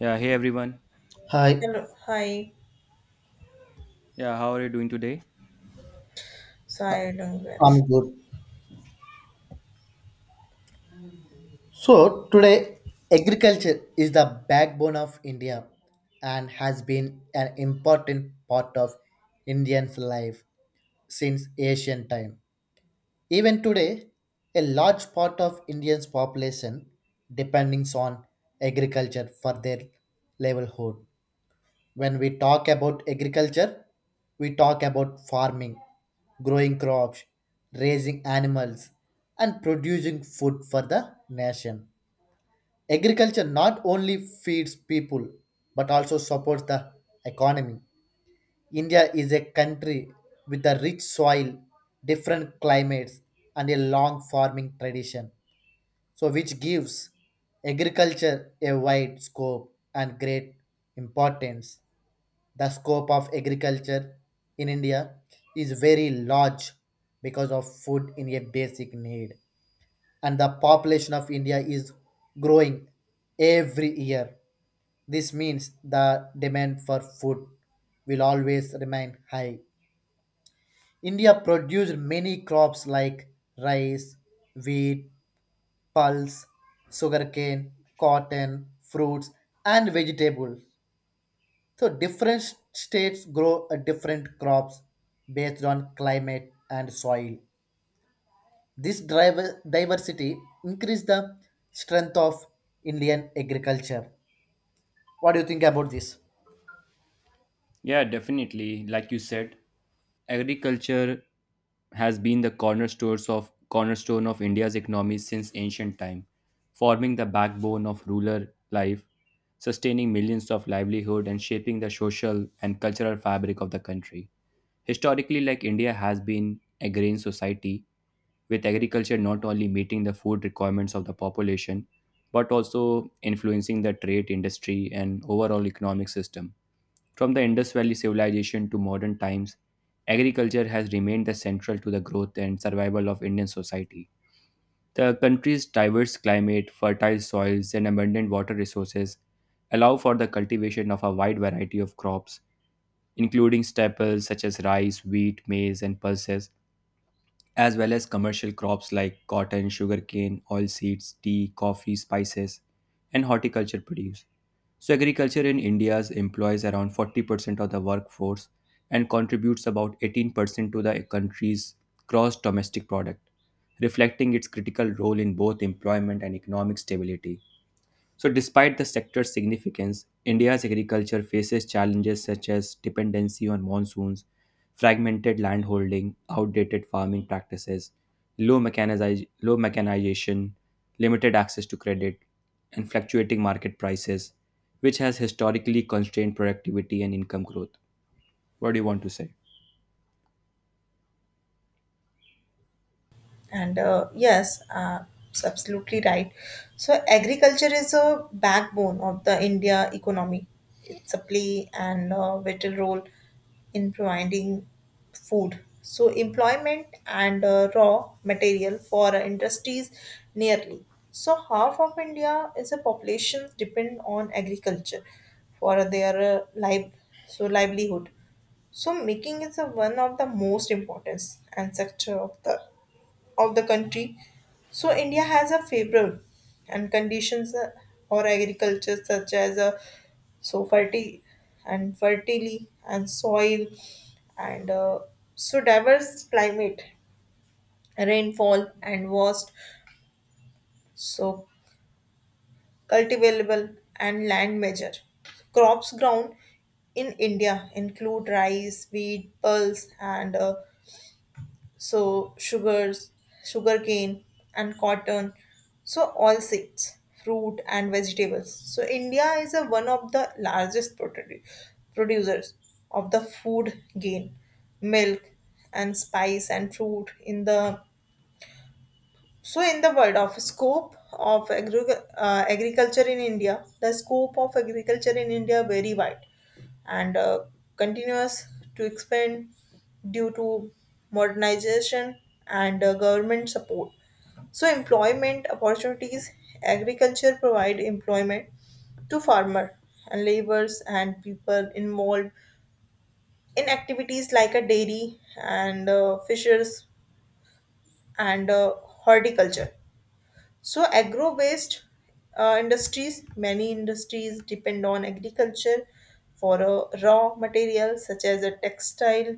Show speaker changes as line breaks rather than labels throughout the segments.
Yeah, hey everyone.
Hi,
Hello, hi,
Yeah, how are you doing today?
so I doing well.
I'm good. So, today, agriculture is the backbone of India and has been an important part of Indians' life since ancient time. Even today, a large part of Indians' population depends on agriculture for their livelihood. When we talk about agriculture, we talk about farming, growing crops, raising animals, and producing food for the nation. Agriculture not only feeds people but also supports the economy. India is a country with a rich soil, different climates, and a long farming tradition, so which gives agriculture a wide scope and great importance. The scope of agriculture in India is very large because of food in a basic need. And the population of India is growing every year. This means the demand for food will always remain high. India produced many crops like rice, wheat, pulse, sugarcane, cotton, fruits, and vegetables. So different states grow different crops based on climate and soil. This driver diversity increase the strength of Indian agriculture. What do you think about this?
Yeah, definitely. Like you said, agriculture has been the cornerstone of India's economy since ancient time, forming the backbone of rural life, sustaining millions of livelihood and shaping the social and cultural fabric of the country. Historically, like India has been a grain society, with agriculture not only meeting the food requirements of the population but also influencing the trade industry and overall economic system. From the Indus Valley civilization to modern times, agriculture has remained the central to the growth and survival of Indian society. The country's diverse climate, fertile soils, and abundant water resources allow for the cultivation of a wide variety of crops, including staples such as rice, wheat, maize, and pulses, as well as commercial crops like cotton, sugarcane, oilseeds, tea, coffee, spices, and horticulture produce. So, agriculture in India employs around 40% of the workforce and contributes about 18% to the country's gross domestic product, reflecting its critical role in both employment and economic stability. So, despite the sector's significance, India's agriculture faces challenges such as dependency on monsoons, fragmented landholding, outdated farming practices, low mechanization, limited access to credit, and fluctuating market prices, which has historically constrained productivity and income growth. What do you want to say?
And yes, it's absolutely right. So agriculture is a backbone of the India economy. It's a play and a vital role in providing food. So employment and raw material for industries nearly. So half of India is a population depend on agriculture for their livelihood. So making is a, one of the most important and sector of the country. So India has a favorable and conditions or agriculture such as fertile and fertility and soil and diverse climate, rainfall and vast so cultivable and land measure. Crops grown in India include rice, wheat, pulse and so sugars, sugarcane, and cotton. So all seeds, fruit, and vegetables. So India is a, one of the largest producers of the food gain, milk, and spice and fruit in the world of scope of agriculture in India, very wide and continues to expand due to modernization and government support. So, employment opportunities, agriculture provide employment to farmer and laborers and people involved in activities like a dairy and fishers and horticulture, so agro based industries, many industries depend on agriculture for raw materials such as a textile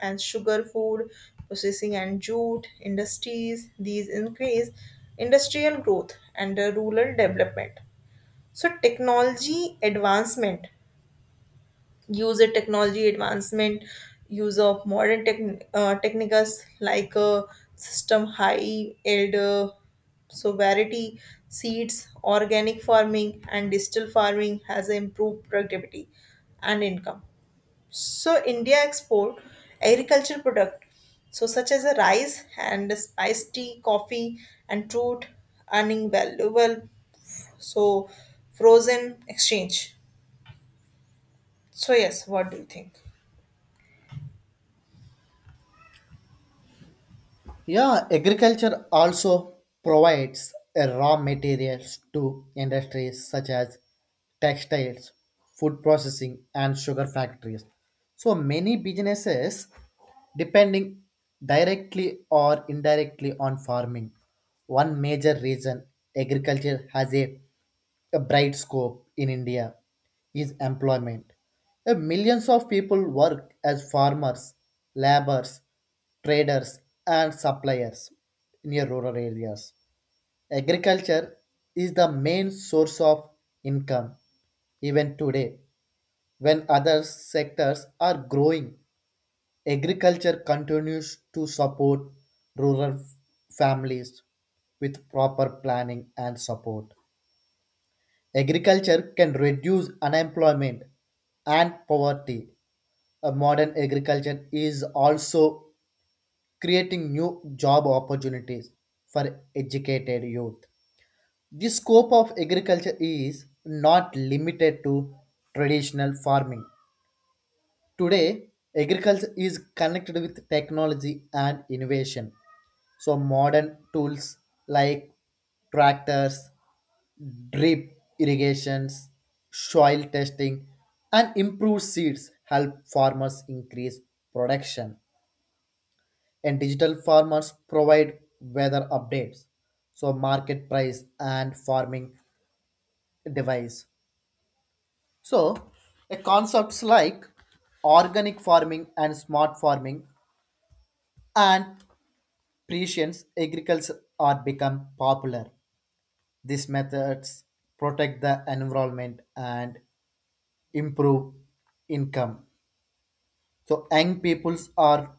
and sugar food processing and jute industries. These increase industrial growth and rural development. So, technology advancement user technology advancement, use of modern techniques like system high yield sovereignty, seeds, organic farming, and digital farming has improved productivity and income. So India export agricultural product, so such as a rice and spice tea, coffee, and fruit, earning valuable so frozen exchange. So yes, what do you think?
Yeah, agriculture also provides raw materials to industries such as textiles, food processing, and sugar factories. So many businesses depending directly or indirectly on farming. One major reason agriculture has a bright scope in India is employment. Millions of people work as farmers, laborers, traders, and suppliers near rural areas. Agriculture is the main source of income even today. When other sectors are growing, agriculture continues to support rural f- families with proper planning and support. Agriculture can reduce unemployment and poverty. A modern agriculture is also creating new job opportunities for educated youth. The scope of agriculture is not limited to traditional farming. Today, agriculture is connected with technology and innovation. So modern tools like tractors, drip irrigations, soil testing, and improved seeds help farmers increase production. And digital farmers provide weather updates, so market price and farming device. So, a concepts like organic farming and smart farming and precision agriculture are become popular. These methods protect the environment and improve income. So young peoples are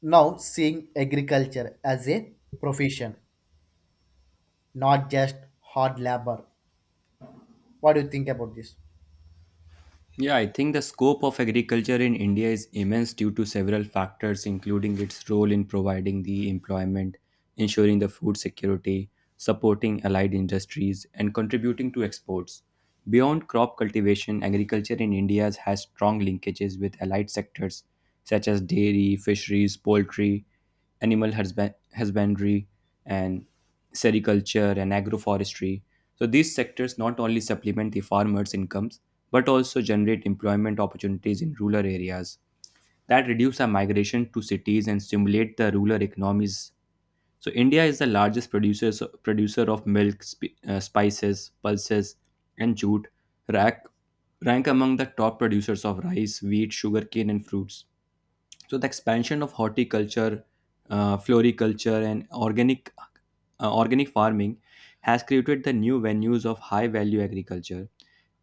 now seeing agriculture as a profession, not just hard labor. What do you think about this?
Yeah, I think the scope of agriculture in India is immense due to several factors, including its role in providing the employment, ensuring the food security, supporting allied industries, and contributing to exports. Beyond crop cultivation, agriculture in India has strong linkages with allied sectors such as dairy, fisheries, poultry husbandry and sericulture and agroforestry. So these sectors not only supplement the farmers' incomes but also generate employment opportunities in rural areas that reduce our migration to cities and stimulate the rural economies. So India is the largest producer of milk, spices, pulses, and jute, rack, rank among the top producers of rice, wheat, sugarcane, and fruits. So the expansion of horticulture, floriculture, and organic farming has created the new venues of high value agriculture,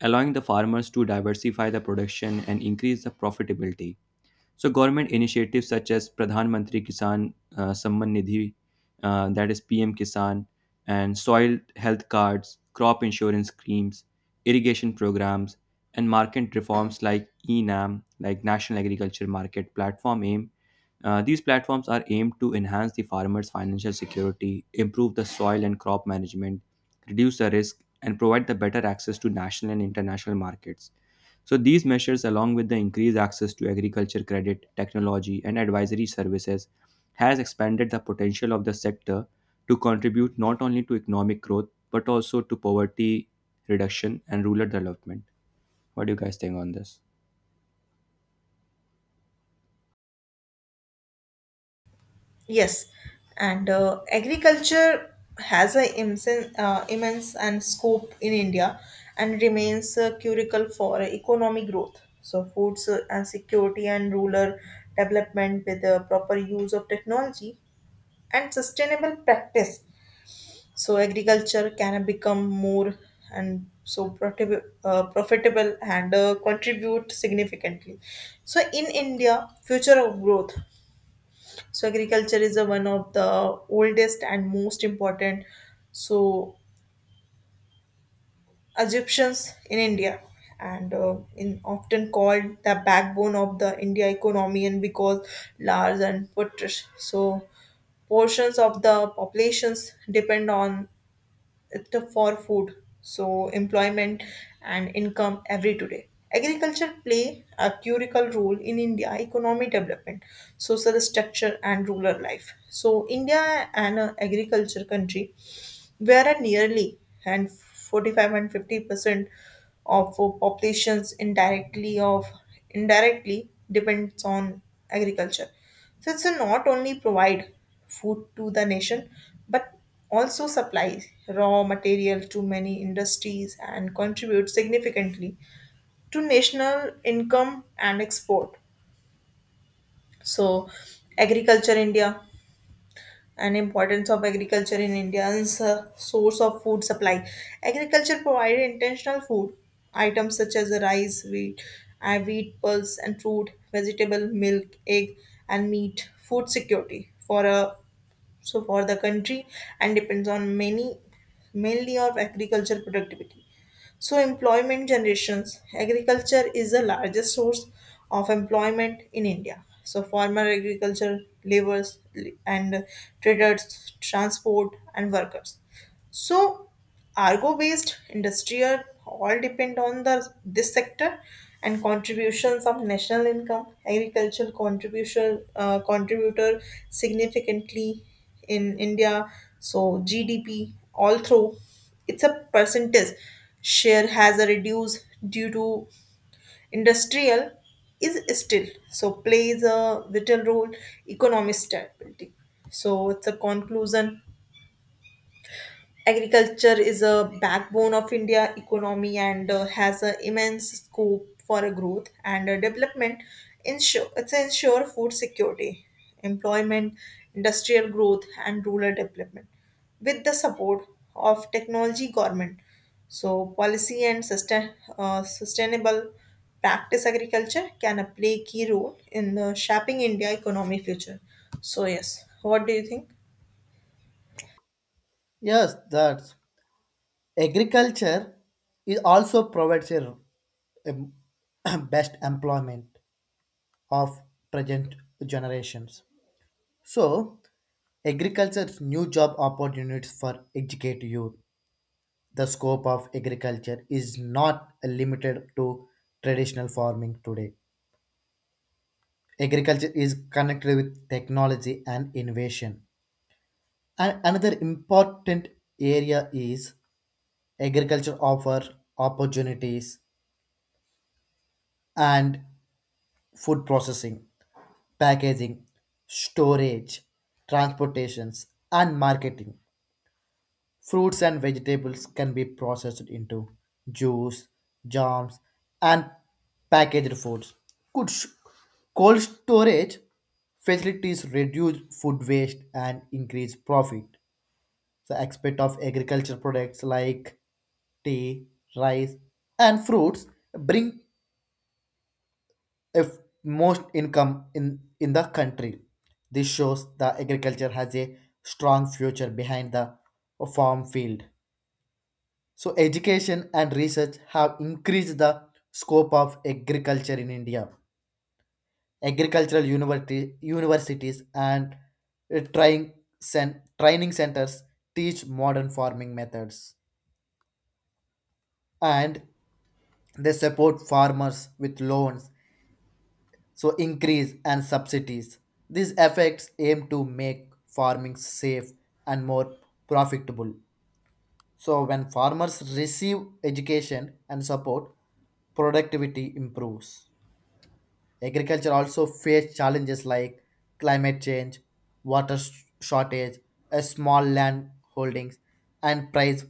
allowing the farmers to diversify the production and increase the profitability. So government initiatives such as Pradhan Mantri Kisan Samman Nidhi, that is PM Kisan, and soil health cards, crop insurance schemes, irrigation programs, and market reforms like ENAM, like National Agriculture Market Platform AIM. These platforms are aimed to enhance the farmer's financial security, improve the soil and crop management, reduce the risk, and provide the better access to national and international markets. So, these measures, along with the increased access to agriculture credit, technology, and advisory services, has expanded the potential of the sector to contribute not only to economic growth but also to poverty reduction and rural development. What do you guys think on this?
Yes, and agriculture has an immense and scope in India and remains a curricle for economic growth. So, foods and security and rural development with the proper use of technology and sustainable practice. So, agriculture can become more and so profitable and contribute significantly. So, in India, future of growth so agriculture is a, one of the oldest and most important. So Egyptians in India and in often called the backbone of the India economy and because large and put so portions of the populations depend on the for food so employment and income every today agriculture play a critical role in India economic development, social structure and rural life, so India and a agriculture country whereas nearly and 45 and 50% of populations indirectly depends on agriculture, so it's not only provide food to the nation but also supplies raw material to many industries and contribute significantly to national income and export. So agriculture India and importance of agriculture in India's source of food supply. Agriculture provided intentional food items such as rice, wheat, pulse, and fruit, vegetable, milk, egg, and meat. Food security for a so for the country and depends on many mainly of agriculture productivity. So, employment generations. Agriculture is the largest source of employment in India. So, farmer, agriculture, laborers, and traders, transport, and workers. So, Argo-based industrial all depend on the this sector and contributions of national income. Agricultural contribution contributor significantly in India. So GDP all through. It's a percentage share has a reduced due to industrial is still so plays a vital role economic stability. So it's a conclusion, agriculture is a backbone of India economy and has an immense scope for a growth and development. Ensure food security, employment, industrial growth, and rural development with the support of technology government. So policy and sustainable practice agriculture can play key role in shaping India economy future. So yes, what do you think?
Yes, that's agriculture is also provides a best employment of present generations. So agriculture's new job opportunities for educated youth. The scope of agriculture is not limited to traditional farming today. Agriculture is connected with technology and innovation. And another important area is agriculture offer opportunities and food processing, packaging, storage, transportations and marketing. Fruits and vegetables can be processed into juice, jams, and packaged foods. Could sh- Cold storage facilities reduce food waste and increase profit? The aspect of agriculture products like tea, rice, and fruits bring if most income in the country. This shows the agriculture has a strong future behind the farm field. So, education and research have increased the scope of agriculture in India. Agricultural university, universities and trying, training centers teach modern farming methods and they support farmers with loans, so increase and subsidies. These efforts aim to make farming safe and more profitable. So, when farmers receive education and support, productivity improves. Agriculture also faced challenges like climate change, water sh- shortage, a small land holdings, and price.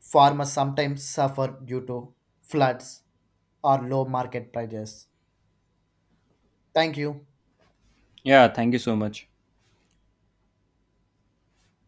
Farmers sometimes suffer due to floods or low market prices. Thank you.
Yeah, thank you so much.